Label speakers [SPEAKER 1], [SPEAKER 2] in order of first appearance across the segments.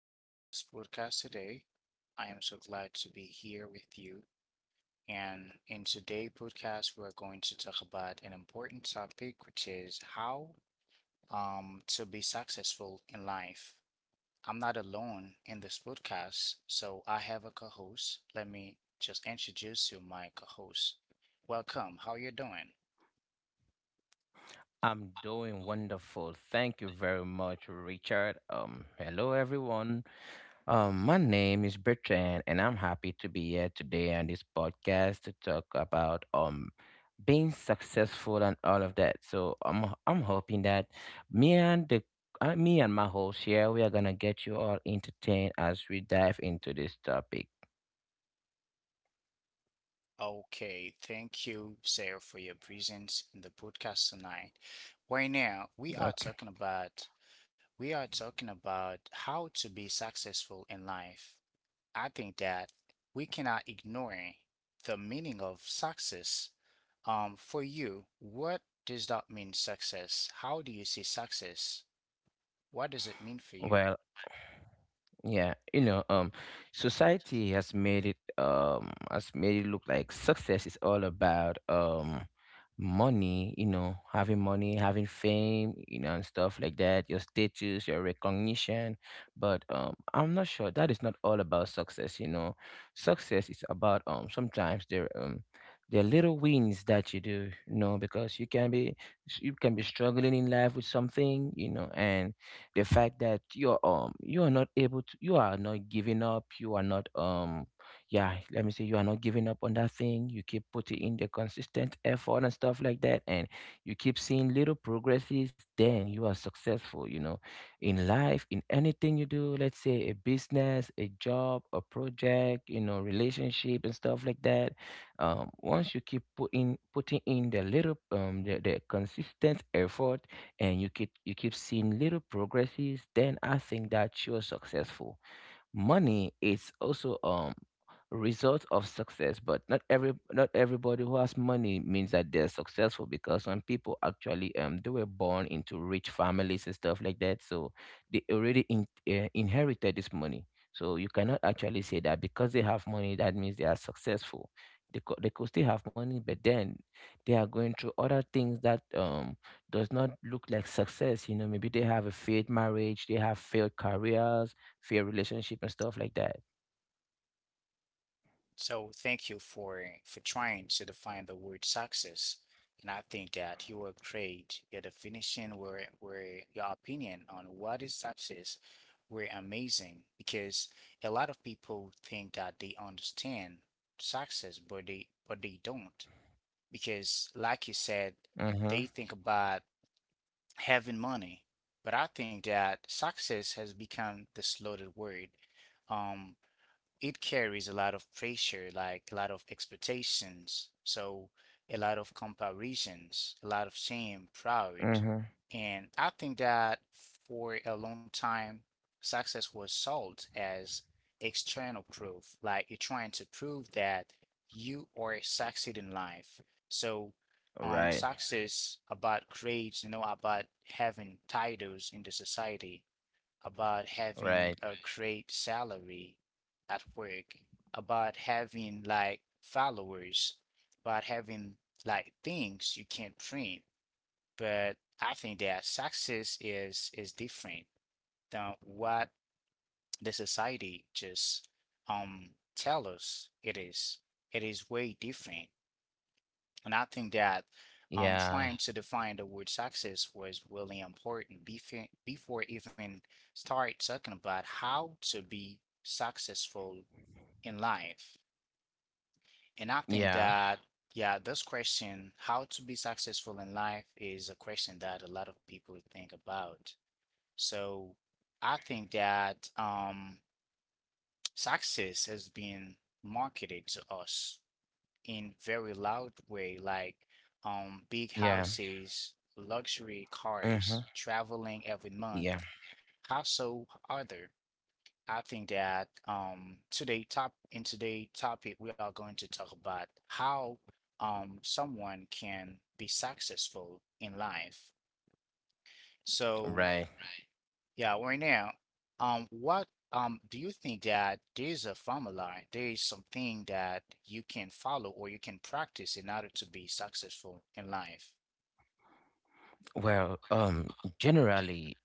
[SPEAKER 1] in this podcast today. I am so glad to be here with you. And in today's podcast, we're going to talk about an important topic, which is how to be successful in life. I'm not alone in this podcast, so I have a co-host. Let me just introduce you, my co-host. Welcome. How you doing?
[SPEAKER 2] I'm doing wonderful. Thank you very much, Richard. Hello everyone. My name is Bertrand, and I'm happy to be here today on this podcast to talk about being successful and all of that. So I'm hoping that me and the me and my host here, we are gonna get you all entertained as we dive into this topic.
[SPEAKER 1] Okay, thank you, Sarah, for your presence in the podcast tonight. Right now, we are
[SPEAKER 2] Okay.
[SPEAKER 1] talking about we are talking about how to be successful in life. I think that we cannot ignore the meaning of success. For you, what does that mean, success? How do you see success? What does it mean for you?
[SPEAKER 2] Well, yeah, society has made it look like success is all about money, having money, having fame, and stuff like that, your status, your recognition. But I'm not sure that is not all about success, Success is about sometimes there little wins that you do, because you can be struggling in life with something, and the fact that you are not able to, you are not giving up, you are not yeah, let me say, you are not giving up on that thing. You keep putting in the consistent effort and stuff like that, and you keep seeing little progresses, then you are successful, in life, in anything you do. Let's say a business, a job, a project, relationship and stuff like that. Once you keep putting in the little the consistent effort, and you keep seeing little progresses, then I think that you're successful. Money is also a result of success, but not everybody who has money means that they're successful, because some people actually they were born into rich families and stuff like that, so they already inherited this money, so you cannot actually say that because they have money, that means they are successful. They could still have money, but then they are going through other things that does not look like success. Maybe they have a failed marriage, they have failed careers, fair relationship and stuff like that.
[SPEAKER 1] So thank you for trying to define the word success. And I think that you were great. Your definition were your opinion on what is success were amazing because a lot of people think that they understand success, but they don't. Because like you said, they
[SPEAKER 2] Mhm.
[SPEAKER 1] think about having money. But I think that success has become this loaded word. Um, it carries a lot of pressure, like a lot of expectations, so a lot of comparisons, a lot of shame, pride.
[SPEAKER 2] Mhm.
[SPEAKER 1] And I think that for a long time, success was sold as external proof, like you're trying to prove that you are succeeding in life. So,
[SPEAKER 2] Right.
[SPEAKER 1] success about grades, about having titles in the society, about having
[SPEAKER 2] Right.
[SPEAKER 1] a great salary at work, about having like followers, about having like things you can't print. But I think that success is different than what the society just um tell us it is. It is way different. And I think that
[SPEAKER 2] Yeah.
[SPEAKER 1] trying to define the word success was really important before even start talking about how to be successful in life. And I think
[SPEAKER 2] Yeah.
[SPEAKER 1] that, yeah, this question, how to be successful in life, is a question that a lot of people think about. So I think that success has been marketed to us in very loud way, like big
[SPEAKER 2] Yeah.
[SPEAKER 1] houses, luxury cars,
[SPEAKER 2] Mhm.
[SPEAKER 1] traveling every
[SPEAKER 2] Yeah.
[SPEAKER 1] month. How so Other, I think that today topic we are going to talk about how someone can be successful in life. So,
[SPEAKER 2] Right.
[SPEAKER 1] yeah, right now, what do you think that there's a formula, there is something that you can follow or you can practice in order to be successful in life?
[SPEAKER 2] Well, generally,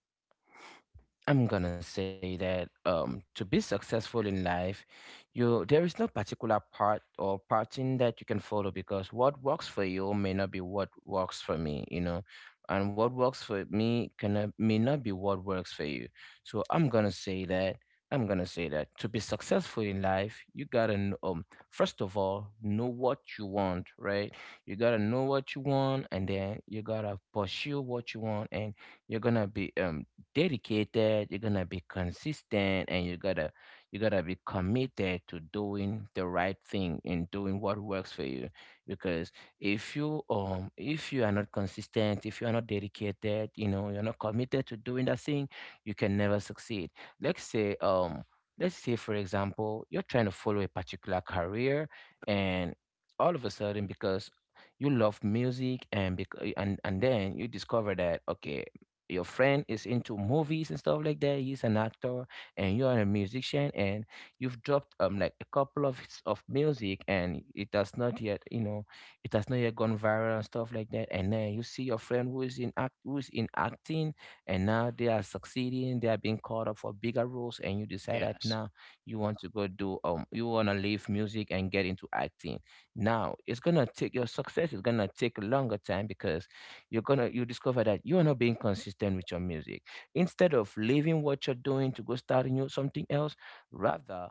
[SPEAKER 2] I'm gonna say that to be successful in life, you there is no particular part or pattern that you can follow, because what works for you may not be what works for me, and what works for me can may not be what works for you. So I'm gonna say that to be successful in life, you gotta first of all know what you want, right? You gotta know what you want, and then you gotta pursue what you want, and you're gonna be dedicated, you're gonna be consistent, and you gotta be committed to doing the right thing and doing what works for you. Because if you are not consistent, if you are not dedicated, you're not committed to doing that thing, you can never succeed. Let's say um let's say for example, you're trying to follow a particular career, and all of a sudden, because you love music, and and then you discover that okay, your friend is into movies and stuff like that, he's an actor, and you're a musician, and you've dropped like a couple of hits of music, and it has not yet you know it has not yet gone viral and stuff like that, and then you see your friend who is in acting, and now they are succeeding, they are being called up for bigger roles, and you decide that
[SPEAKER 1] Yes.
[SPEAKER 2] now you want to leave music and get into acting. Now, it's gonna take your success, it's gonna take a longer time, because you're gonna you discover that you are not being consistent with your music. Instead of leaving what you're doing to go start new something else, rather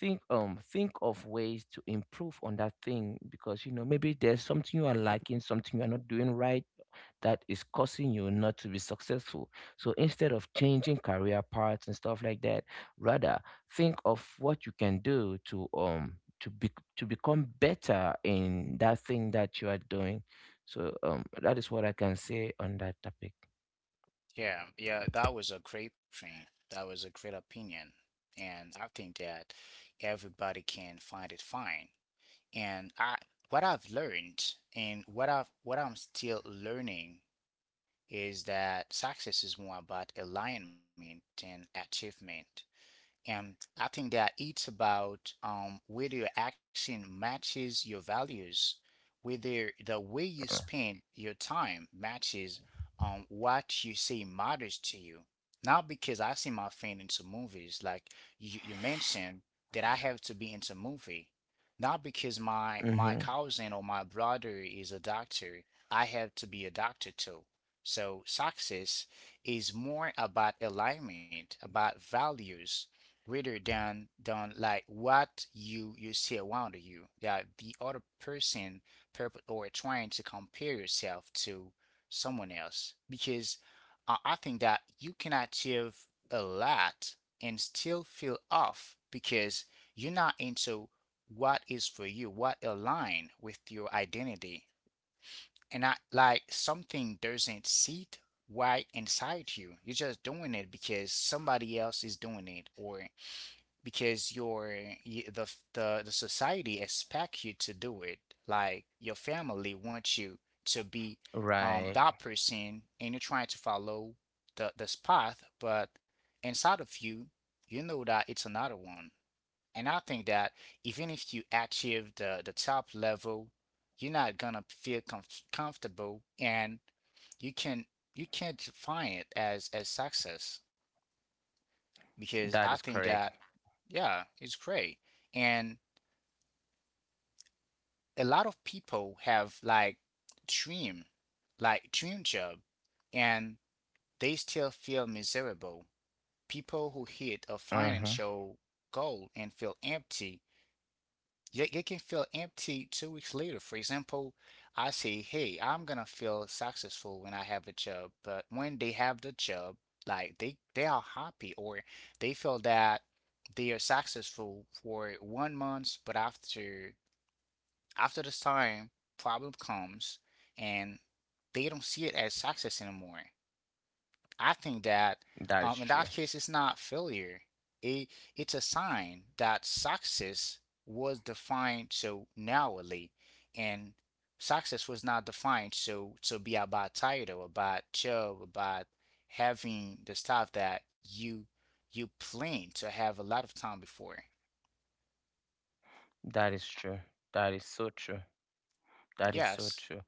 [SPEAKER 2] think of ways to improve on that thing, because maybe there's something you are lacking, something you are not doing right that is causing you not to be successful. So instead of changing career paths and stuff like that, rather think of what you can do to be to become better in that thing that you are doing. So that is what I can say on that topic.
[SPEAKER 1] Yeah, yeah, that was a great point. That was a great opinion. And I think that everybody can find it fine. And I what I've learned and what I'm still learning is that success is more about alignment than achievement. And I think that it's about, whether your action matches your values, whether the way you spend your time matches, what you say matters to you. Not because I see my friend into movies, like you mentioned that I have to be into movie. Not because my
[SPEAKER 2] Mm-hmm.
[SPEAKER 1] cousin or my brother is a doctor, I have to be a doctor too. So success is more about alignment, about values, rather than like what you see around you, that the other person purpose or trying to compare yourself to someone else, because I think that you can achieve a lot and still feel off because you're not into what is for you, what align with your identity, and not like something doesn't sit right inside you. You're just doing it because somebody else is doing it, or because your y- the f- the society expect you to do it. Like your family wants you to be
[SPEAKER 2] Right.
[SPEAKER 1] that person, and you're trying to follow the this path, but inside of you, you know that it's another one. And I think that even if you achieve the top level, you're not gonna feel comfortable, and you can you can't define it as success because
[SPEAKER 2] That
[SPEAKER 1] I
[SPEAKER 2] is
[SPEAKER 1] think
[SPEAKER 2] correct.
[SPEAKER 1] that, yeah, it's great. And a lot of people have dream, like dream job, and they still feel miserable. People who hit a
[SPEAKER 2] Mm-hmm.
[SPEAKER 1] financial goal and feel empty, yet they can feel empty 2 weeks later. For example, I say, hey, I'm gonna feel successful when I have a job, but when they have the job, like they are happy or they feel that they are successful for one month, but after this time, problem comes and they don't see it as success anymore. I think that,
[SPEAKER 2] That is
[SPEAKER 1] in
[SPEAKER 2] true.
[SPEAKER 1] that case, it's not failure. It, it's a sign that success was defined so narrowly, and success was not defined so to be about title, about job, about having the stuff that you planned to have a lot of time before.
[SPEAKER 2] That is true. That is so true. That is so
[SPEAKER 1] Yes.
[SPEAKER 2] true.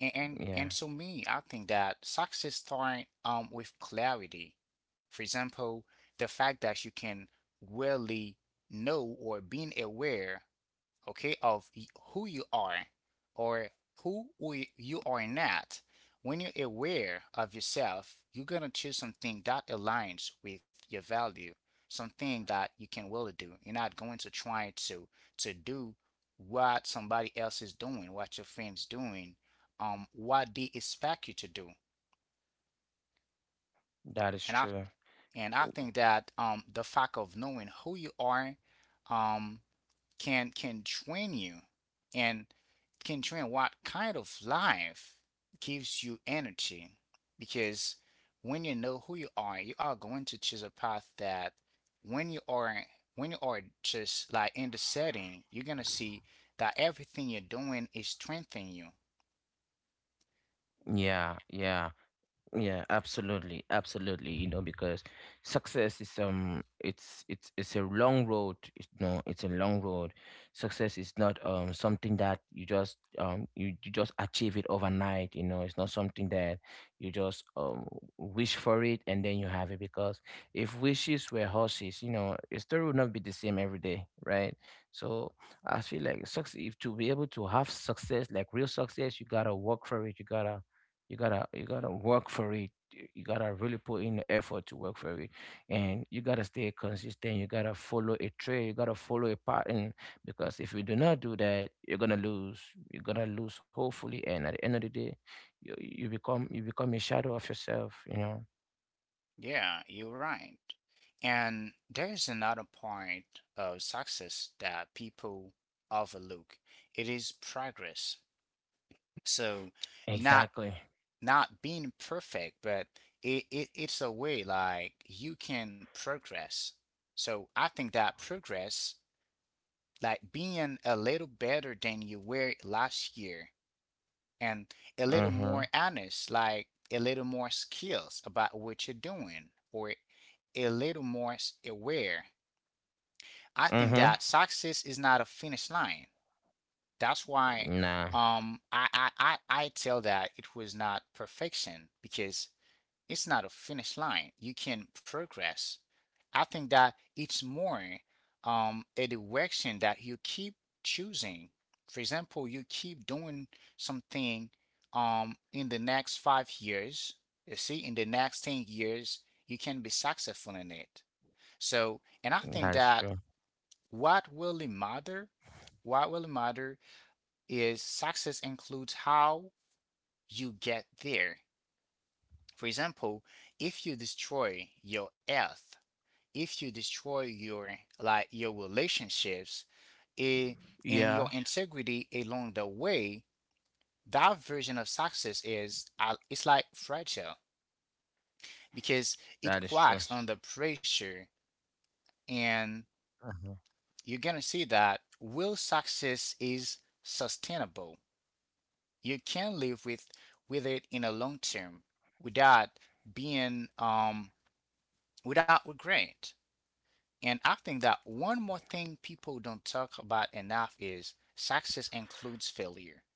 [SPEAKER 1] And, and
[SPEAKER 2] Yeah.
[SPEAKER 1] and to me, I think that success starts with clarity. For example, the fact that you can really know or being aware, okay, of who you are or who you are not. When you're aware of yourself, you're gonna choose something that aligns with your value, something that you can really do. You're not going to try to do what somebody else is doing, what your friends doing, what they expect you to do.
[SPEAKER 2] That is
[SPEAKER 1] And I
[SPEAKER 2] true.
[SPEAKER 1] and I think that the fact of knowing who you are, um, can train you and can train what kind of life gives you energy, because when you know who you are, you are going to choose a path that, when you are when you are just like in the setting, you're gonna see that everything you're doing is strengthening you.
[SPEAKER 2] Yeah. Yeah. Yeah, absolutely, absolutely. Because success is it's a long road. It's, no, it's a long road. Success is not something that you just you just achieve it overnight. It's not something that you just wish for it and then you have it. Because if wishes were horses, a story would not be the same every day, right? So I feel like success. If to be able to have success, like real success, you gotta work for it. You gotta work for it. You gotta really put in the effort to work for it, and you gotta stay consistent. You gotta follow a trail. You gotta follow a pattern, because if you do not do that, you're gonna lose. You're gonna lose hopefully, and at the end of the day, you become a shadow of yourself. You know.
[SPEAKER 1] Yeah, you're right. And there's another part of success that people overlook. It is progress. So, not
[SPEAKER 2] Exactly.
[SPEAKER 1] not being perfect, but it's a way like you can progress. So I think that progress, like being a little better than you were last year, and a little
[SPEAKER 2] Mhm.
[SPEAKER 1] more honest, like a little more skills about what you're doing, or a little more aware. I think
[SPEAKER 2] Mhm.
[SPEAKER 1] that success is not a finish line. That's why
[SPEAKER 2] Nah,
[SPEAKER 1] I tell that it was not perfection, because it's not a finish line. You can progress. I think that it's more, a direction that you keep choosing. For example, you keep doing something, in the next 5 years. You see, in the next 10 years, you can be successful in it. So, and I think
[SPEAKER 2] that's
[SPEAKER 1] that
[SPEAKER 2] true.
[SPEAKER 1] what really matter, what really matter is success includes how you get there. For example, if you destroy your health, if you destroy your relationships, eh, and
[SPEAKER 2] Yeah,
[SPEAKER 1] your integrity along the way, that version of success is, it's like fragile, because it
[SPEAKER 2] that is true.
[SPEAKER 1] cracks under pressure, and
[SPEAKER 2] Mhm.
[SPEAKER 1] you're gonna see that real success is sustainable. You can live with it in a long term without being without regret. And I think that one more thing people don't talk about enough is success includes failure.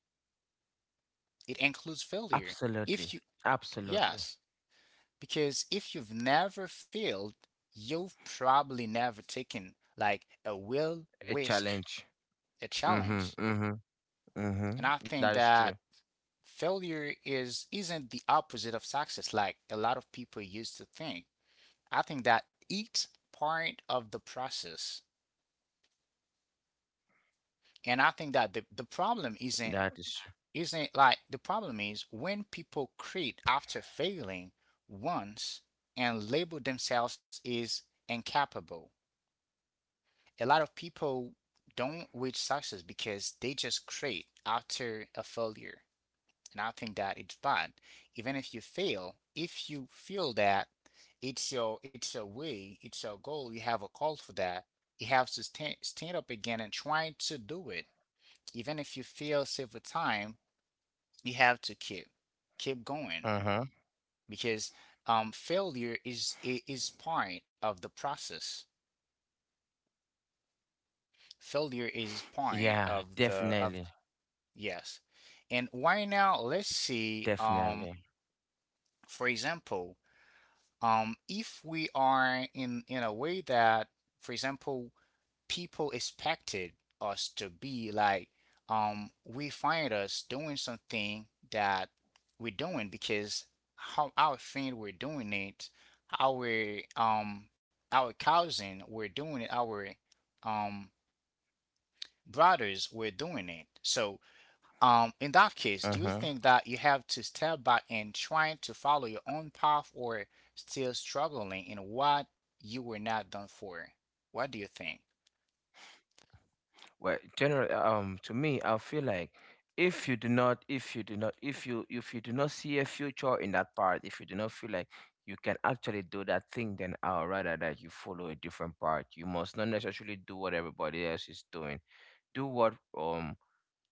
[SPEAKER 1] It includes failure. If
[SPEAKER 2] Absolutely.
[SPEAKER 1] you,
[SPEAKER 2] Absolutely.
[SPEAKER 1] Yes, because if you've never failed, you've probably never taken like a will
[SPEAKER 2] A
[SPEAKER 1] risk,
[SPEAKER 2] challenge.
[SPEAKER 1] a
[SPEAKER 2] Mm-hmm.
[SPEAKER 1] challenge.
[SPEAKER 2] Mm-hmm. Mm-hmm.
[SPEAKER 1] And I
[SPEAKER 2] That
[SPEAKER 1] think
[SPEAKER 2] is true.
[SPEAKER 1] that failure is isn't the opposite of success like a lot of people used to think. I think that it's part of the process. And I think that the problem
[SPEAKER 2] That is true.
[SPEAKER 1] isn't it like the problem is when people quit after failing once and label themselves as incapable. A lot of people don't reach success because they just quit after a failure. And I think that it's bad. Even if you fail, if you feel that it's your way, it's your goal, you have a call for that, you have to stand up again and try to do it. Even if you fail several times, you have to keep going
[SPEAKER 2] Uh-huh.
[SPEAKER 1] because, failure is part of the process. Failure is part
[SPEAKER 2] Yeah,
[SPEAKER 1] of the of
[SPEAKER 2] definitely,
[SPEAKER 1] Yes. And why now? Let's see.
[SPEAKER 2] definitely.
[SPEAKER 1] For example, if we are in a way that, for example, people expected us to be like, we find us doing something that we're doing because how our friend were doing it, our um our cousin were doing it, our um brothers were doing it, so in that case, do
[SPEAKER 2] Uh-huh.
[SPEAKER 1] you think that you have to step back and trying to follow your own path, or still struggling in what you were not done for? What do you think?
[SPEAKER 2] Well, generally, to me, I feel like if you do not, if you do not, if you do not see a future in that part, if you do not feel like you can actually do that thing, then I would rather that you follow a different path. You must not necessarily do what everybody else is doing. Do what um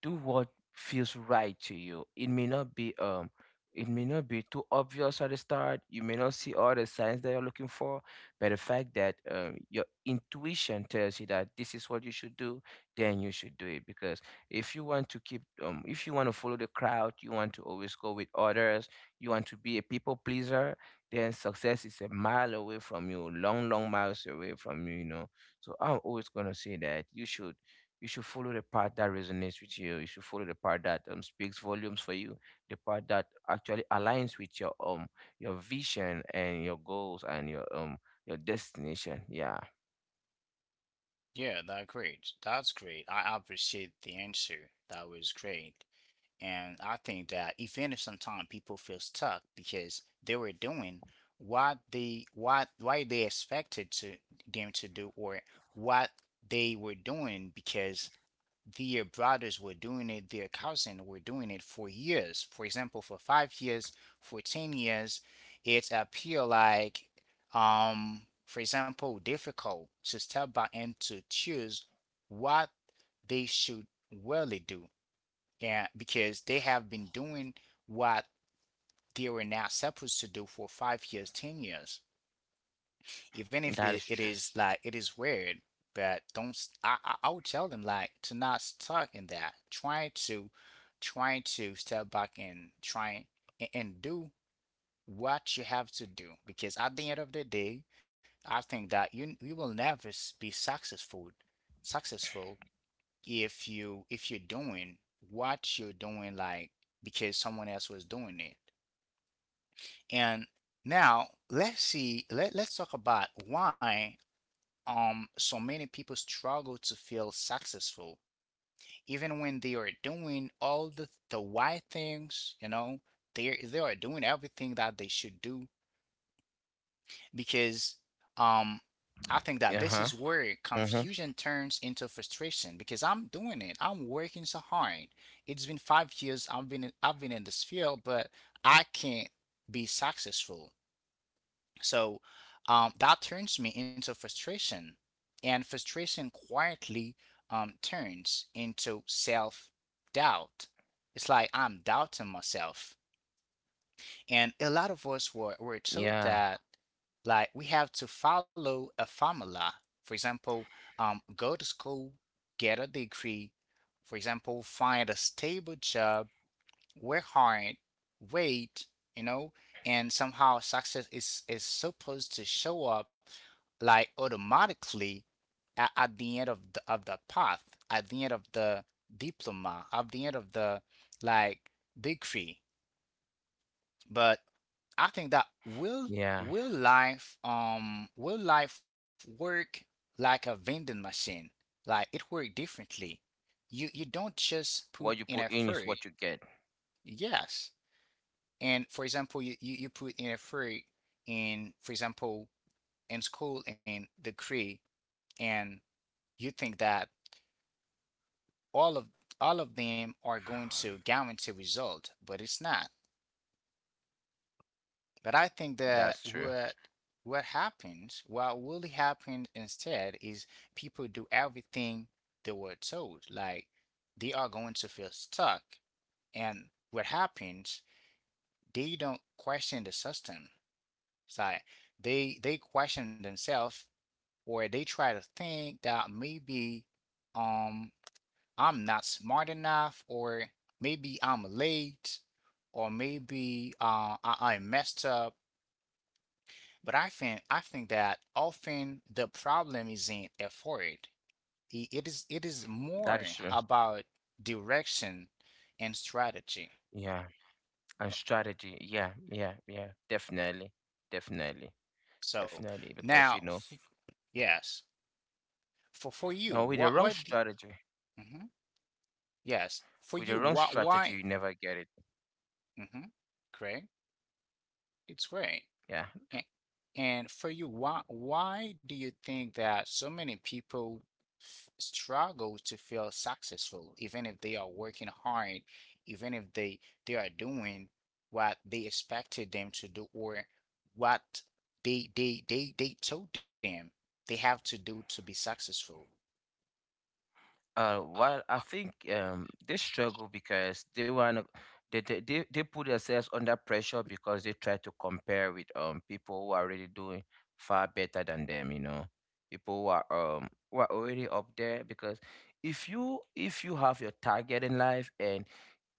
[SPEAKER 2] do what feels right to you. It may not be too obvious at the start. You may not see all the signs that you're looking for, but the fact that your intuition tells you that this is what you should do, then you should do it. Because if you want to if you want to follow the crowd, you want to always go with others, you want to be a people pleaser, then success is a mile away from you, long, long miles away from you. So I'm always gonna say that you should follow the part that resonates with you. You should follow the part that speaks volumes for you, the part that actually aligns with your vision, and your goals, and your destination. Yeah,
[SPEAKER 1] Yeah, that's great. That's great. I appreciate the answer. That was great. And I think that even if sometimes people feel stuck because they were doing what they what why they expected to them to do, or what they were doing because their brothers were doing it, their cousin were doing it for years. For example, for 5 years, for 10 years, it appear like, for example, difficult to step back and to choose what they should really do, and because they have been doing what they were not supposed to do for 5 years, 10 years, even if it,
[SPEAKER 2] that is
[SPEAKER 1] it
[SPEAKER 2] true.
[SPEAKER 1] is like it is weird but don't s- I would tell them like to not stuck in that, try to try to step back and try and do what you have to do because at the end of the day I think that you will never be successful if you if you're doing what you're doing like because someone else was doing it. And now let's see, let's talk about why so many people struggle to feel successful, even when they are doing all the right things, you know, they are doing everything that they should do because um
[SPEAKER 2] Uh
[SPEAKER 1] I
[SPEAKER 2] huh.
[SPEAKER 1] think that this is
[SPEAKER 2] Uh
[SPEAKER 1] where
[SPEAKER 2] huh.
[SPEAKER 1] confusion turns into frustration. Because I'm doing it, I'm working so hard. It's been 5 years, I've been in this field, but I can't be successful. So that turns me into frustration, and frustration quietly turns into self doubt. It's like I'm doubting myself, and a lot of us were
[SPEAKER 2] Yeah.
[SPEAKER 1] told that like we have to follow a formula. For example, go to school, get a degree. For example, find a stable job, work hard, wait, you know, and somehow success is supposed to show up like automatically at the end of the path, at the end of the diploma, at the end of the like degree. But I think that will,
[SPEAKER 2] Yeah.
[SPEAKER 1] will life work like a vending machine? Like it work differently. You don't just
[SPEAKER 2] What
[SPEAKER 1] put
[SPEAKER 2] you put
[SPEAKER 1] in
[SPEAKER 2] in is what
[SPEAKER 1] effort.
[SPEAKER 2] you get.
[SPEAKER 1] Yes. And for example, you put in a fruit in, for example, in school in the Cree, and you think that all of all of them are going to guarantee result, but it's not. But I think
[SPEAKER 2] That's
[SPEAKER 1] that
[SPEAKER 2] true.
[SPEAKER 1] what happens, what really happens instead is people do everything they were told. Like they are going to feel stuck. And what happens, they don't question the system. So they question themselves or they try to think that maybe um I'm not smart enough, or maybe I'm late, or maybe I messed up. But I think that often the problem isn't effort. It, it is
[SPEAKER 2] That is
[SPEAKER 1] more
[SPEAKER 2] true.
[SPEAKER 1] about direction and strategy.
[SPEAKER 2] Yeah. And strategy. Yeah. Yeah. Yeah. Definitely. Definitely.
[SPEAKER 1] So
[SPEAKER 2] Definitely. Because
[SPEAKER 1] now, yes, for you,
[SPEAKER 2] no,
[SPEAKER 1] mhm. Yes, for
[SPEAKER 2] with the
[SPEAKER 1] you,
[SPEAKER 2] wrong
[SPEAKER 1] what
[SPEAKER 2] strategy,
[SPEAKER 1] why?
[SPEAKER 2] you never get it.
[SPEAKER 1] Mm-hmm, great. It's great.
[SPEAKER 2] Yeah.
[SPEAKER 1] A- And for you, why do you think that so many people struggle to feel successful, even if they are working hard, even if they are doing what they expected them to do, or what they told them they have to do to be successful?
[SPEAKER 2] Well, I think they struggle because they want they put themselves under pressure because they try to compare with people who are already doing far better than them. People who are already up there. Because if you have your target in life, and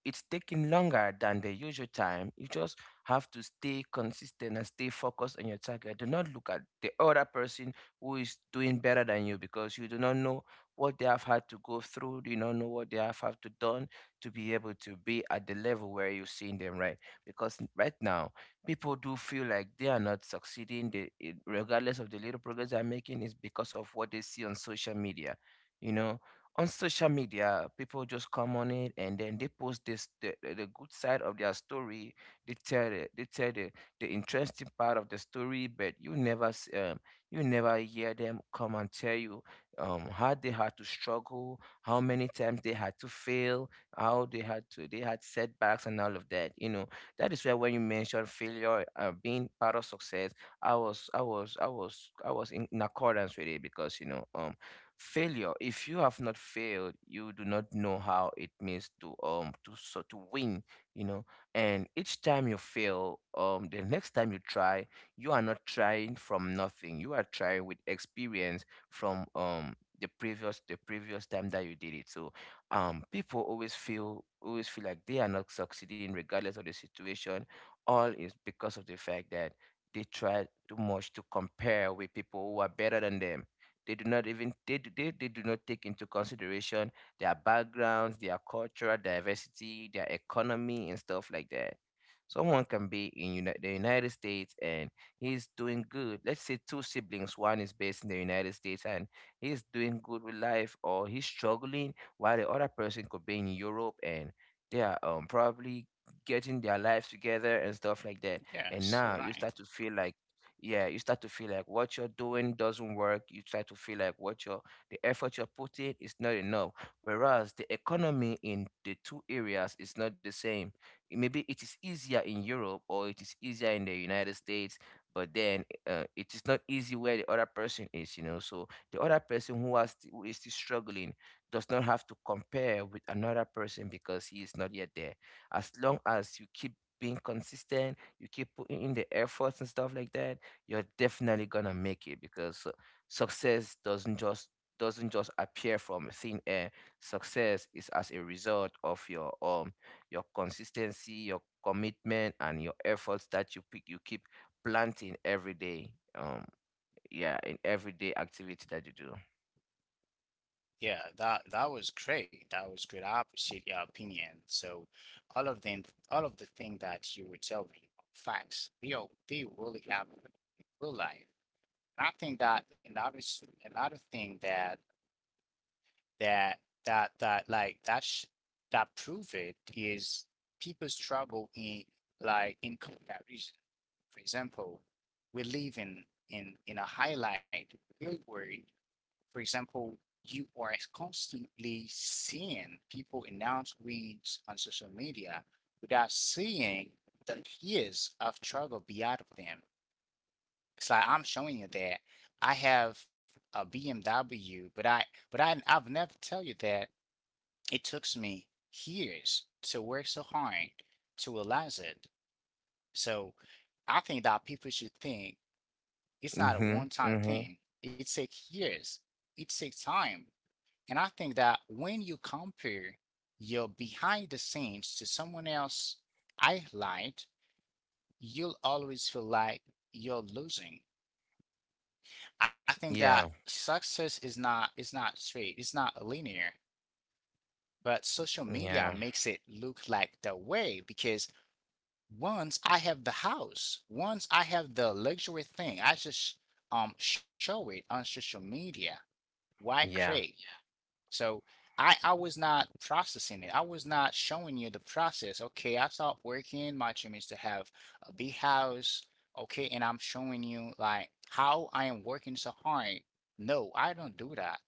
[SPEAKER 2] it's taking longer than the usual time, you just have to stay consistent and stay focused on your target. Do not look at the other person who is doing better than you, because you do not know what they have had to go through. You do not know what they have had to done to be able to be at the level where you're seeing them, right? Because right now, people do feel like they are not succeeding. Regardless of the little progress they're making, is because of what they see on social media. You know, on social media people just come on it and then they post this the good side of their story. they tell the, they tell the, the interesting part of the story, but you never you never hear them come and tell you how they had to struggle, how many times they had to fail, how they had setbacks and all of that, you know. That is where, when you mention failure being part of success, I was in accordance with it, because you know, failure, if you have not failed, you do not know how it means to to win, you know. And each time you fail, the next time you try, you are not trying from nothing. You are trying with experience from the previous time that you did it. So people always feel like they are not succeeding regardless of the situation. All is because of the fact that they try too much to compare with people who are better than them. They do not even they do not take into consideration their backgrounds, their cultural diversity, their economy, and stuff like that. Someone can be in the United States and he's doing good. Let's say two siblings, one is based in the United States and he's doing good with life, or he's struggling, while the other person could be in Europe and they are probably getting their lives together and stuff like that. And
[SPEAKER 1] Yes,
[SPEAKER 2] now
[SPEAKER 1] you're
[SPEAKER 2] you start
[SPEAKER 1] right.
[SPEAKER 2] to feel like yeah, you start to feel like what you're doing doesn't work. You try to feel like what you're the effort you're putting is not enough. Whereas the economy in the two areas is not the same. Maybe it is easier in Europe or it is easier in the United States, but then it is not easy where the other person is, you know. So the other person who is still struggling does not have to compare with another person because he is not yet there. As long as you keep being consistent, you keep putting in the efforts and stuff like that, you're definitely gonna make it, because success doesn't just appear from thin air. Success is as a result of your consistency, your commitment, and your efforts that you keep planting every day. Um, yeah, in everyday activity that you do.
[SPEAKER 1] Yeah, that that was great. That was great. I appreciate your opinion. So all of them, all of the thing that you were telling me, facts, they are, they really happen in real life. And I think that another, another thing that that that like that prove it is people struggle in like in comparison. For example, we live in in a highlight real world. For example, you are constantly seeing people announce wins on social media without seeing the years of struggle beyond of them. It's like I'm showing you that I have a BMW, but I've never tell you that it took me years to work so hard to realize it. So I think that people should think it's not a
[SPEAKER 2] Mhm.
[SPEAKER 1] one-time
[SPEAKER 2] Mhm.
[SPEAKER 1] thing. It takes years. It takes time. And I think that when you compare your behind the scenes to someone else highlight, you'll always feel like you're losing. I think that
[SPEAKER 2] Yeah.
[SPEAKER 1] success is not, is not straight, it's not linear, but social media
[SPEAKER 2] Yeah.
[SPEAKER 1] makes it look like the way because once I have the house, once I have the luxury thing, I just show it on social media. Why create?
[SPEAKER 2] Yeah.
[SPEAKER 1] So I was not processing it. I was not showing you the process. Okay, I start working, my dream is to have a big house. Okay, and I'm showing you like how I am working so hard. No, I don't do that.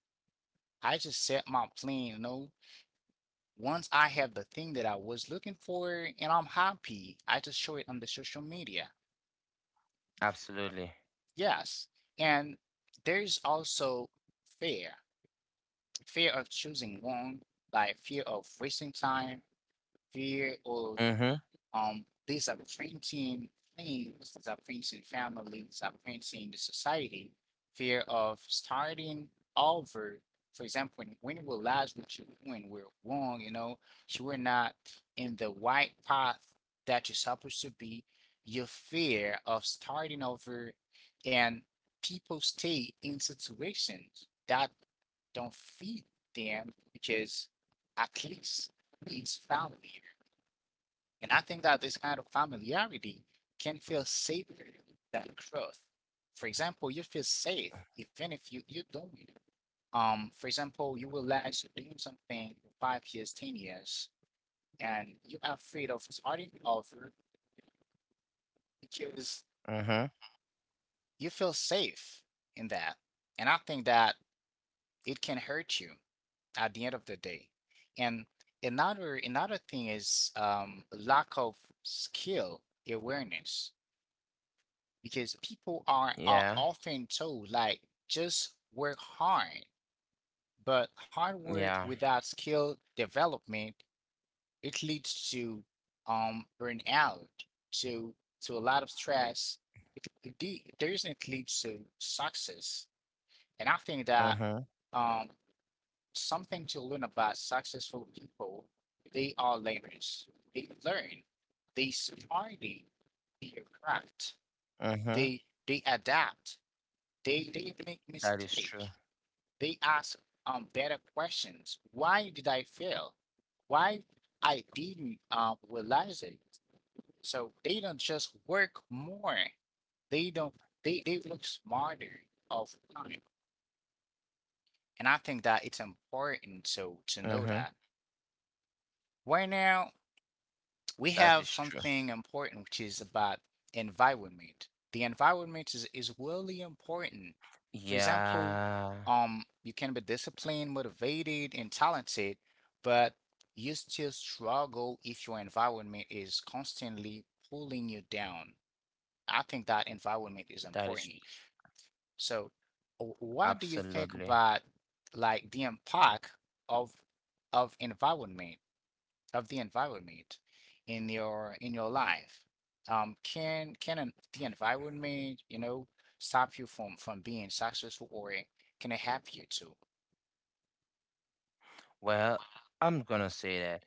[SPEAKER 1] I just set my plan, you know. Once I have the thing that I was looking for and I'm happy, I just show it on the social media.
[SPEAKER 2] Absolutely.
[SPEAKER 1] Yes. And there's also fear, fear of choosing wrong, like fear of wasting time, fear of
[SPEAKER 2] Mhm.
[SPEAKER 1] these are printing things, these are printing families, these are printing the society, fear of starting over. For example, when we realize what you're doing, we're wrong, you know, you were not in the right path that you're supposed to be, your fear of starting over and people stay in situations that don't feed them because at least it's family, and I think that this kind of familiarity can feel safer than growth. For example, you feel safe even if you don't. For example, you realize you're doing something for 5 years, 10 years, and you're afraid of starting over because
[SPEAKER 2] Mhm.
[SPEAKER 1] you feel safe in that. And I think that it can hurt you at the end of the day. And another, another thing is, lack of skill awareness because people are
[SPEAKER 2] Yeah.
[SPEAKER 1] often told like just work hard, but hard work
[SPEAKER 2] Yeah.
[SPEAKER 1] without skill development, it leads to burnout, to to a lot of stress. It, doesn't lead to success, and I think that
[SPEAKER 2] Mhm.
[SPEAKER 1] um something to learn about successful people, they are learners. They learn, they study their craft, they
[SPEAKER 2] Mhm.
[SPEAKER 1] they adapt. They make
[SPEAKER 2] That is
[SPEAKER 1] mistakes.
[SPEAKER 2] true.
[SPEAKER 1] They ask better questions. Why did I fail? Why I didn't realize it? So they don't just work more. They don't. They look smarter of time. And I think that it's important so to
[SPEAKER 2] Mhm.
[SPEAKER 1] know that right now we
[SPEAKER 2] That is
[SPEAKER 1] have
[SPEAKER 2] true.
[SPEAKER 1] something important which is about environment. The environment is really important. For example,
[SPEAKER 2] Yeah,
[SPEAKER 1] you can be disciplined, motivated, and talented, but you still struggle if your environment is constantly pulling you down. I think that environment is
[SPEAKER 2] that is
[SPEAKER 1] important. So what do you think
[SPEAKER 2] absolutely.
[SPEAKER 1] about like the impact of of environment, of the environment in your life? Can the environment, you know, stop you from being successful, or can it help you too?
[SPEAKER 2] Well, I'm gonna say that,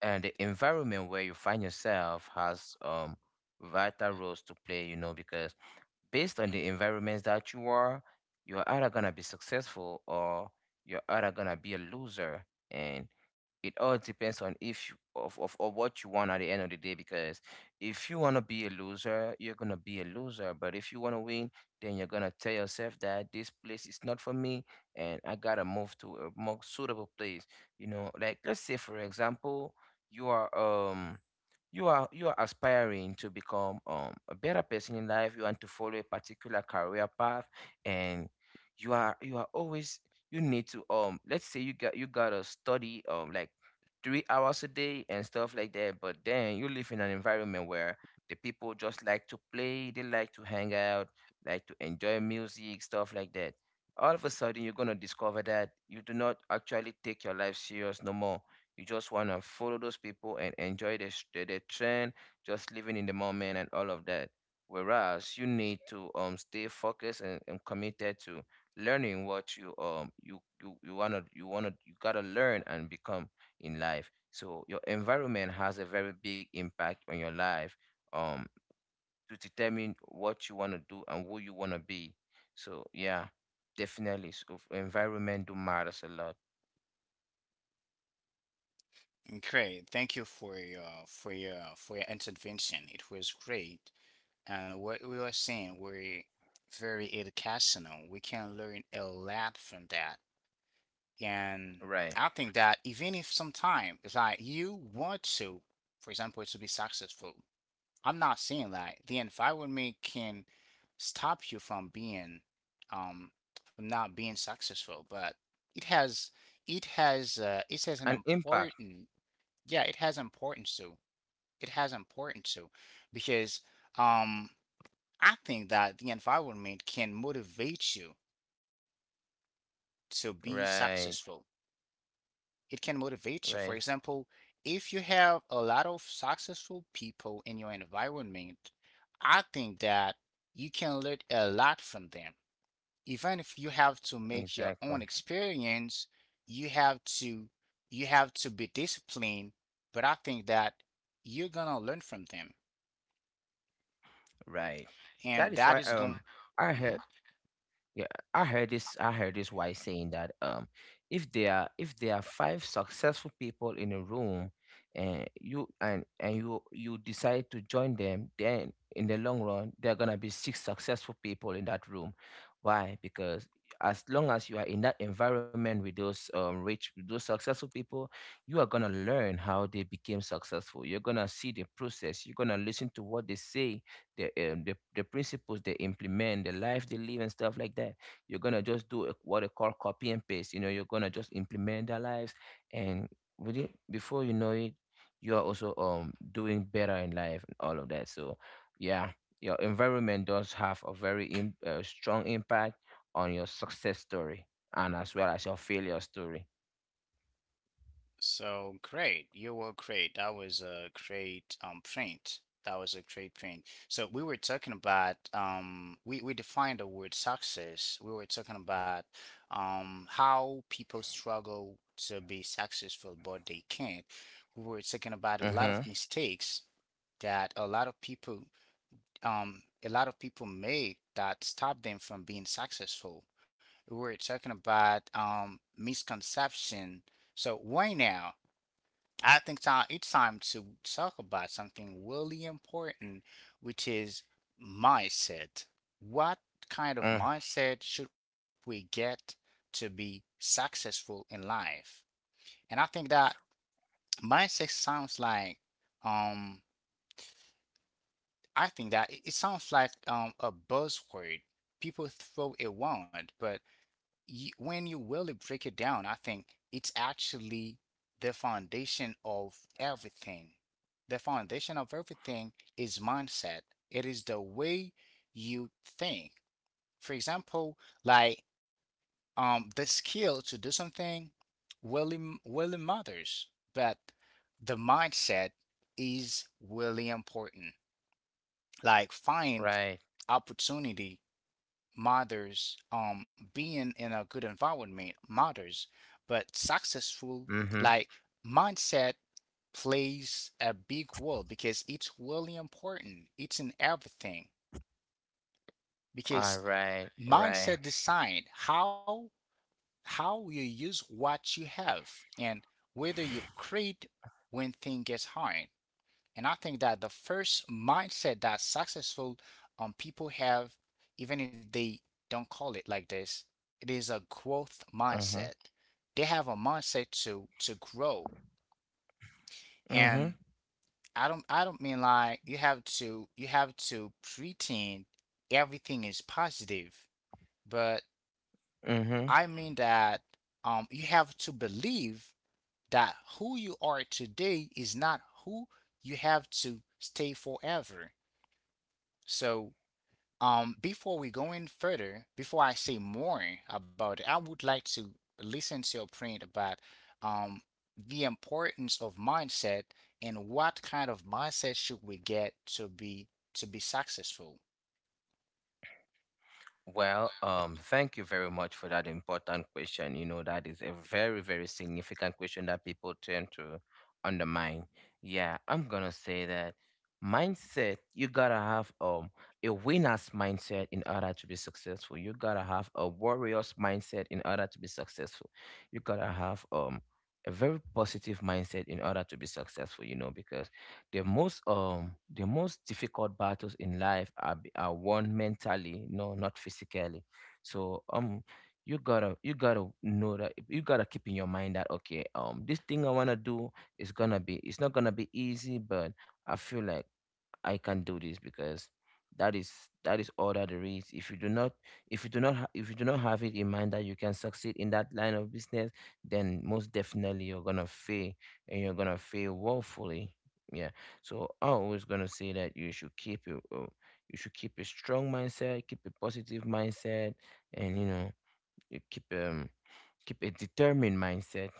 [SPEAKER 2] and the environment where you find yourself has vital roles to play, you know, because based on the environments that you are, you're either gonna be successful or you're either gonna be a loser. And it all depends on if you- of what you want at the end of the day. Because if you wanna be a loser, you're gonna be a loser. But if you wanna win, then you're gonna tell yourself that this place is not for me and I gotta move to a more suitable place. You know, like let's say for example, you are um you are aspiring to become a better person in life. You want to follow a particular career path, and you are always. You need to let's say you gotta study like 3 hours a day and stuff like that, but then you live in an environment where the people just like to play, they like to hang out, like to enjoy music, stuff like that. All of a sudden you're gonna discover that you do not actually take your life serious no more. You just want to follow those people and enjoy the trend, just living in the moment and all of that. Whereas you need to stay focused and, committed to learning what you you wanna you gotta learn and become in life. So your environment has a very big impact on your life. Um, to determine what you wanna do and who you wanna be. So yeah, definitely. So environment do matters a lot,
[SPEAKER 1] Great. Thank you for your intervention. It was great. And what we are saying, we very educational. We can learn a lot from that. And
[SPEAKER 2] right?
[SPEAKER 1] I think that even if sometime it's like you want to, for example, to be successful, I'm not saying that. The environment can stop you from being, um, from not being successful, but it has, it has, it has an
[SPEAKER 2] An impact,
[SPEAKER 1] important, yeah, it has importance too. It has importance too, because, um, I think that the environment can motivate you to be
[SPEAKER 2] right?
[SPEAKER 1] successful. It can motivate you. For
[SPEAKER 2] Right.
[SPEAKER 1] example, if you have a lot of successful people in your environment, I think that you can learn a lot from them. Even if you have to make your own
[SPEAKER 2] Exactly.
[SPEAKER 1] experience, you have to, you have to be disciplined, but I think that you're gonna learn from them.
[SPEAKER 2] Right.
[SPEAKER 1] And
[SPEAKER 2] That is
[SPEAKER 1] that
[SPEAKER 2] why
[SPEAKER 1] is going.
[SPEAKER 2] I had. Yeah, I heard this. I heard this wise saying that if there are five successful people in a room, and you decide to join them, then in the long run there are gonna be six successful people in that room. Why? Because as long as you are in that environment with those rich with those successful people, you are gonna learn how they became successful. You're gonna see the process. You're gonna listen to what they say, the principles they implement, the life they live, and stuff like that. You're gonna just do a, what they call copy and paste. You know, you're gonna just implement their lives, and with it, before you know it, you are also doing better in life and all of that. So, yeah, your environment does have a very strong impact on your success story, and as well as your failure story.
[SPEAKER 1] So great, you were great. That was a great print. That was a great print. So we were talking about um, we defined the word success. We were talking about how people struggle to be successful but they can't. We were talking about a lot of
[SPEAKER 2] Mhm.
[SPEAKER 1] mistakes that a lot of people, a lot of people make, that stop them from being successful. We were talking about misconception. So why now? I think it's time to talk about something really important, which is mindset. What kind of
[SPEAKER 2] Mm.
[SPEAKER 1] mindset should we get to be successful in life? And I think that mindset sounds like, um, I think that it sounds like a buzzword people throw around, but you, when you really break it down, I think it's actually the foundation of everything. The foundation of everything is mindset. It is the way you think. For example, like the skill to do something really, really matters, but the mindset is really important. Like find
[SPEAKER 2] Right.
[SPEAKER 1] opportunity matters. Being in a good environment matters, but successful
[SPEAKER 2] Mhm.
[SPEAKER 1] like mindset plays a big role because it's really important. It's in everything
[SPEAKER 2] All
[SPEAKER 1] because
[SPEAKER 2] right. Right.
[SPEAKER 1] mindset design how you use what you have, and whether you create when things get hard. And I think that the first mindset that successful, people have, even if they don't call it like this, it is a growth mindset.
[SPEAKER 2] Mhm.
[SPEAKER 1] They have a mindset to grow. And
[SPEAKER 2] Mhm.
[SPEAKER 1] I don't mean like you have to pretend everything is positive, but
[SPEAKER 2] Mhm.
[SPEAKER 1] I mean that you have to believe that who you are today is not who you have to stay forever. So before we go in further, before I say more about it, I would like to listen to your point about um, the importance of mindset and what kind of mindset should we get to be, to be successful.
[SPEAKER 2] Well, thank you very much for that important question. You know, that is a very, very significant question that people tend to undermine. Yeah, I'm gonna say that mindset, you gotta have a winner's mindset in order to be successful. You gotta have a warrior's mindset in order to be successful. You gotta have a very positive mindset in order to be successful, you know, because the most difficult battles in life are are won mentally, no, not physically. So you gotta know that you gotta keep in your mind that okay, this thing I wanna do is gonna be it's not gonna be easy, but I feel like I can do this, because that is that is all that there is. If you do not if you do not have it in mind that you can succeed in that line of business, then most definitely you're gonna fail, and you're gonna fail woefully. Yeah. So I always gonna say that you should keep it. You should keep a strong mindset, keep a positive mindset, and you know, you keep keep a determined mindset,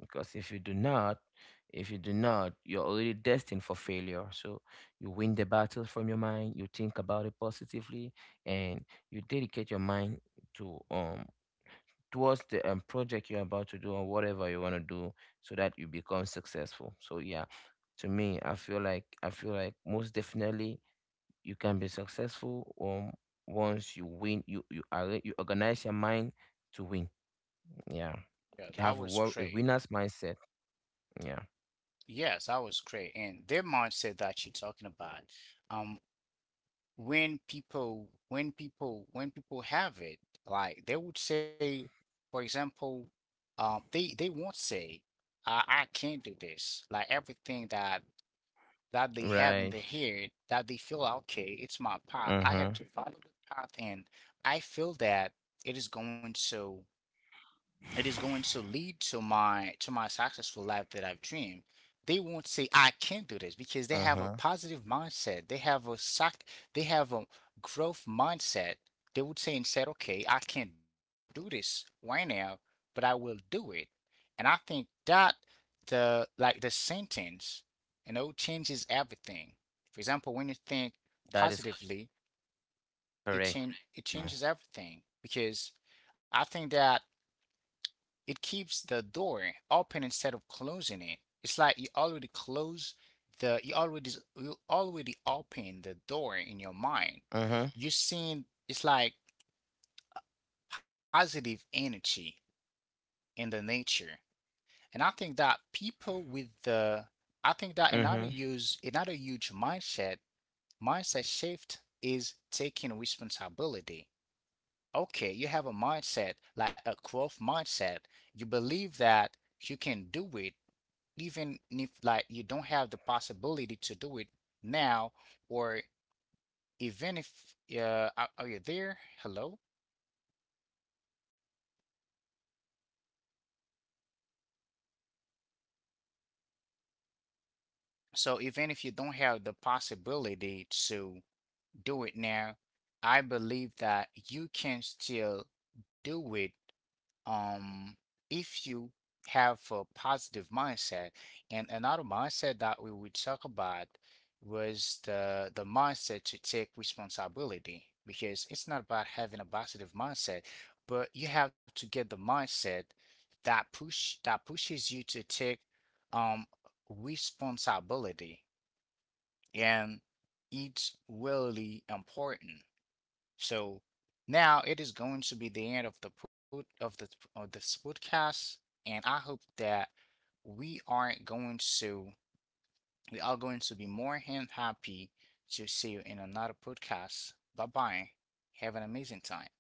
[SPEAKER 2] because if you do not you're already destined for failure. So you win the battle from your mind, you think about it positively, and you dedicate your mind to towards the project you're about to do or whatever you want to do, so that you become successful. So yeah, to me I feel like most definitely you can be successful, once you win you organize your mind to win. Yeah.
[SPEAKER 1] Yeah,
[SPEAKER 2] You
[SPEAKER 1] that
[SPEAKER 2] have a,
[SPEAKER 1] was
[SPEAKER 2] a
[SPEAKER 1] great.
[SPEAKER 2] winner's mindset. Yeah.
[SPEAKER 1] Yes, that was great. And their mindset that you're talking about, um, when people, when people have it, like they would say for example, they won't say I can't do this, like everything that that they have in
[SPEAKER 2] Right.
[SPEAKER 1] their head that they feel like, okay, it's my path,
[SPEAKER 2] Uh
[SPEAKER 1] I
[SPEAKER 2] huh.
[SPEAKER 1] have to follow the path, and I feel that it is going, so it is going to lead to my, to my successful life that I've dreamed. They won't say I can not do this because they
[SPEAKER 2] Uh
[SPEAKER 1] have a
[SPEAKER 2] huh.
[SPEAKER 1] positive mindset. They have a sac they have a growth mindset. They would say instead, okay, I can't do this right now, but I will do it. And I think that the, like, the sentence,
[SPEAKER 2] is
[SPEAKER 1] you
[SPEAKER 2] correct,
[SPEAKER 1] know, changes
[SPEAKER 2] you
[SPEAKER 1] everything.
[SPEAKER 2] know.
[SPEAKER 1] For example, when you think positively, it changes everything because I think that it keeps the door open instead of closing it. It's like you already the you already you already
[SPEAKER 2] Uh huh.
[SPEAKER 1] open the door in your mind. You're seeing it's like positive energy in the nature. And I think that people with
[SPEAKER 2] Mm-hmm.
[SPEAKER 1] the, I think that another use, another huge mindset shift is taking responsibility. Okay, you have a mindset like a growth mindset. You believe that you can do it even if like you don't have the possibility to do it now, or even if,
[SPEAKER 2] Mm-hmm.
[SPEAKER 1] are you there? Hello?
[SPEAKER 2] Yeah, yeah, absolutely, absolutely.
[SPEAKER 1] So even if you don't have the possibility to do it now, I believe that you can still do it um if you have a positive mindset. And another mindset that we would talk about was the mindset to take responsibility because it's not about having a positive mindset, but you have to get the mindset that pushes you to take um responsibility, and it's really important. So now it is going to be the end of the of this podcast, and I hope that we aren't going to we are going to be more than happy to see you in another podcast. Bye bye. Have an amazing time.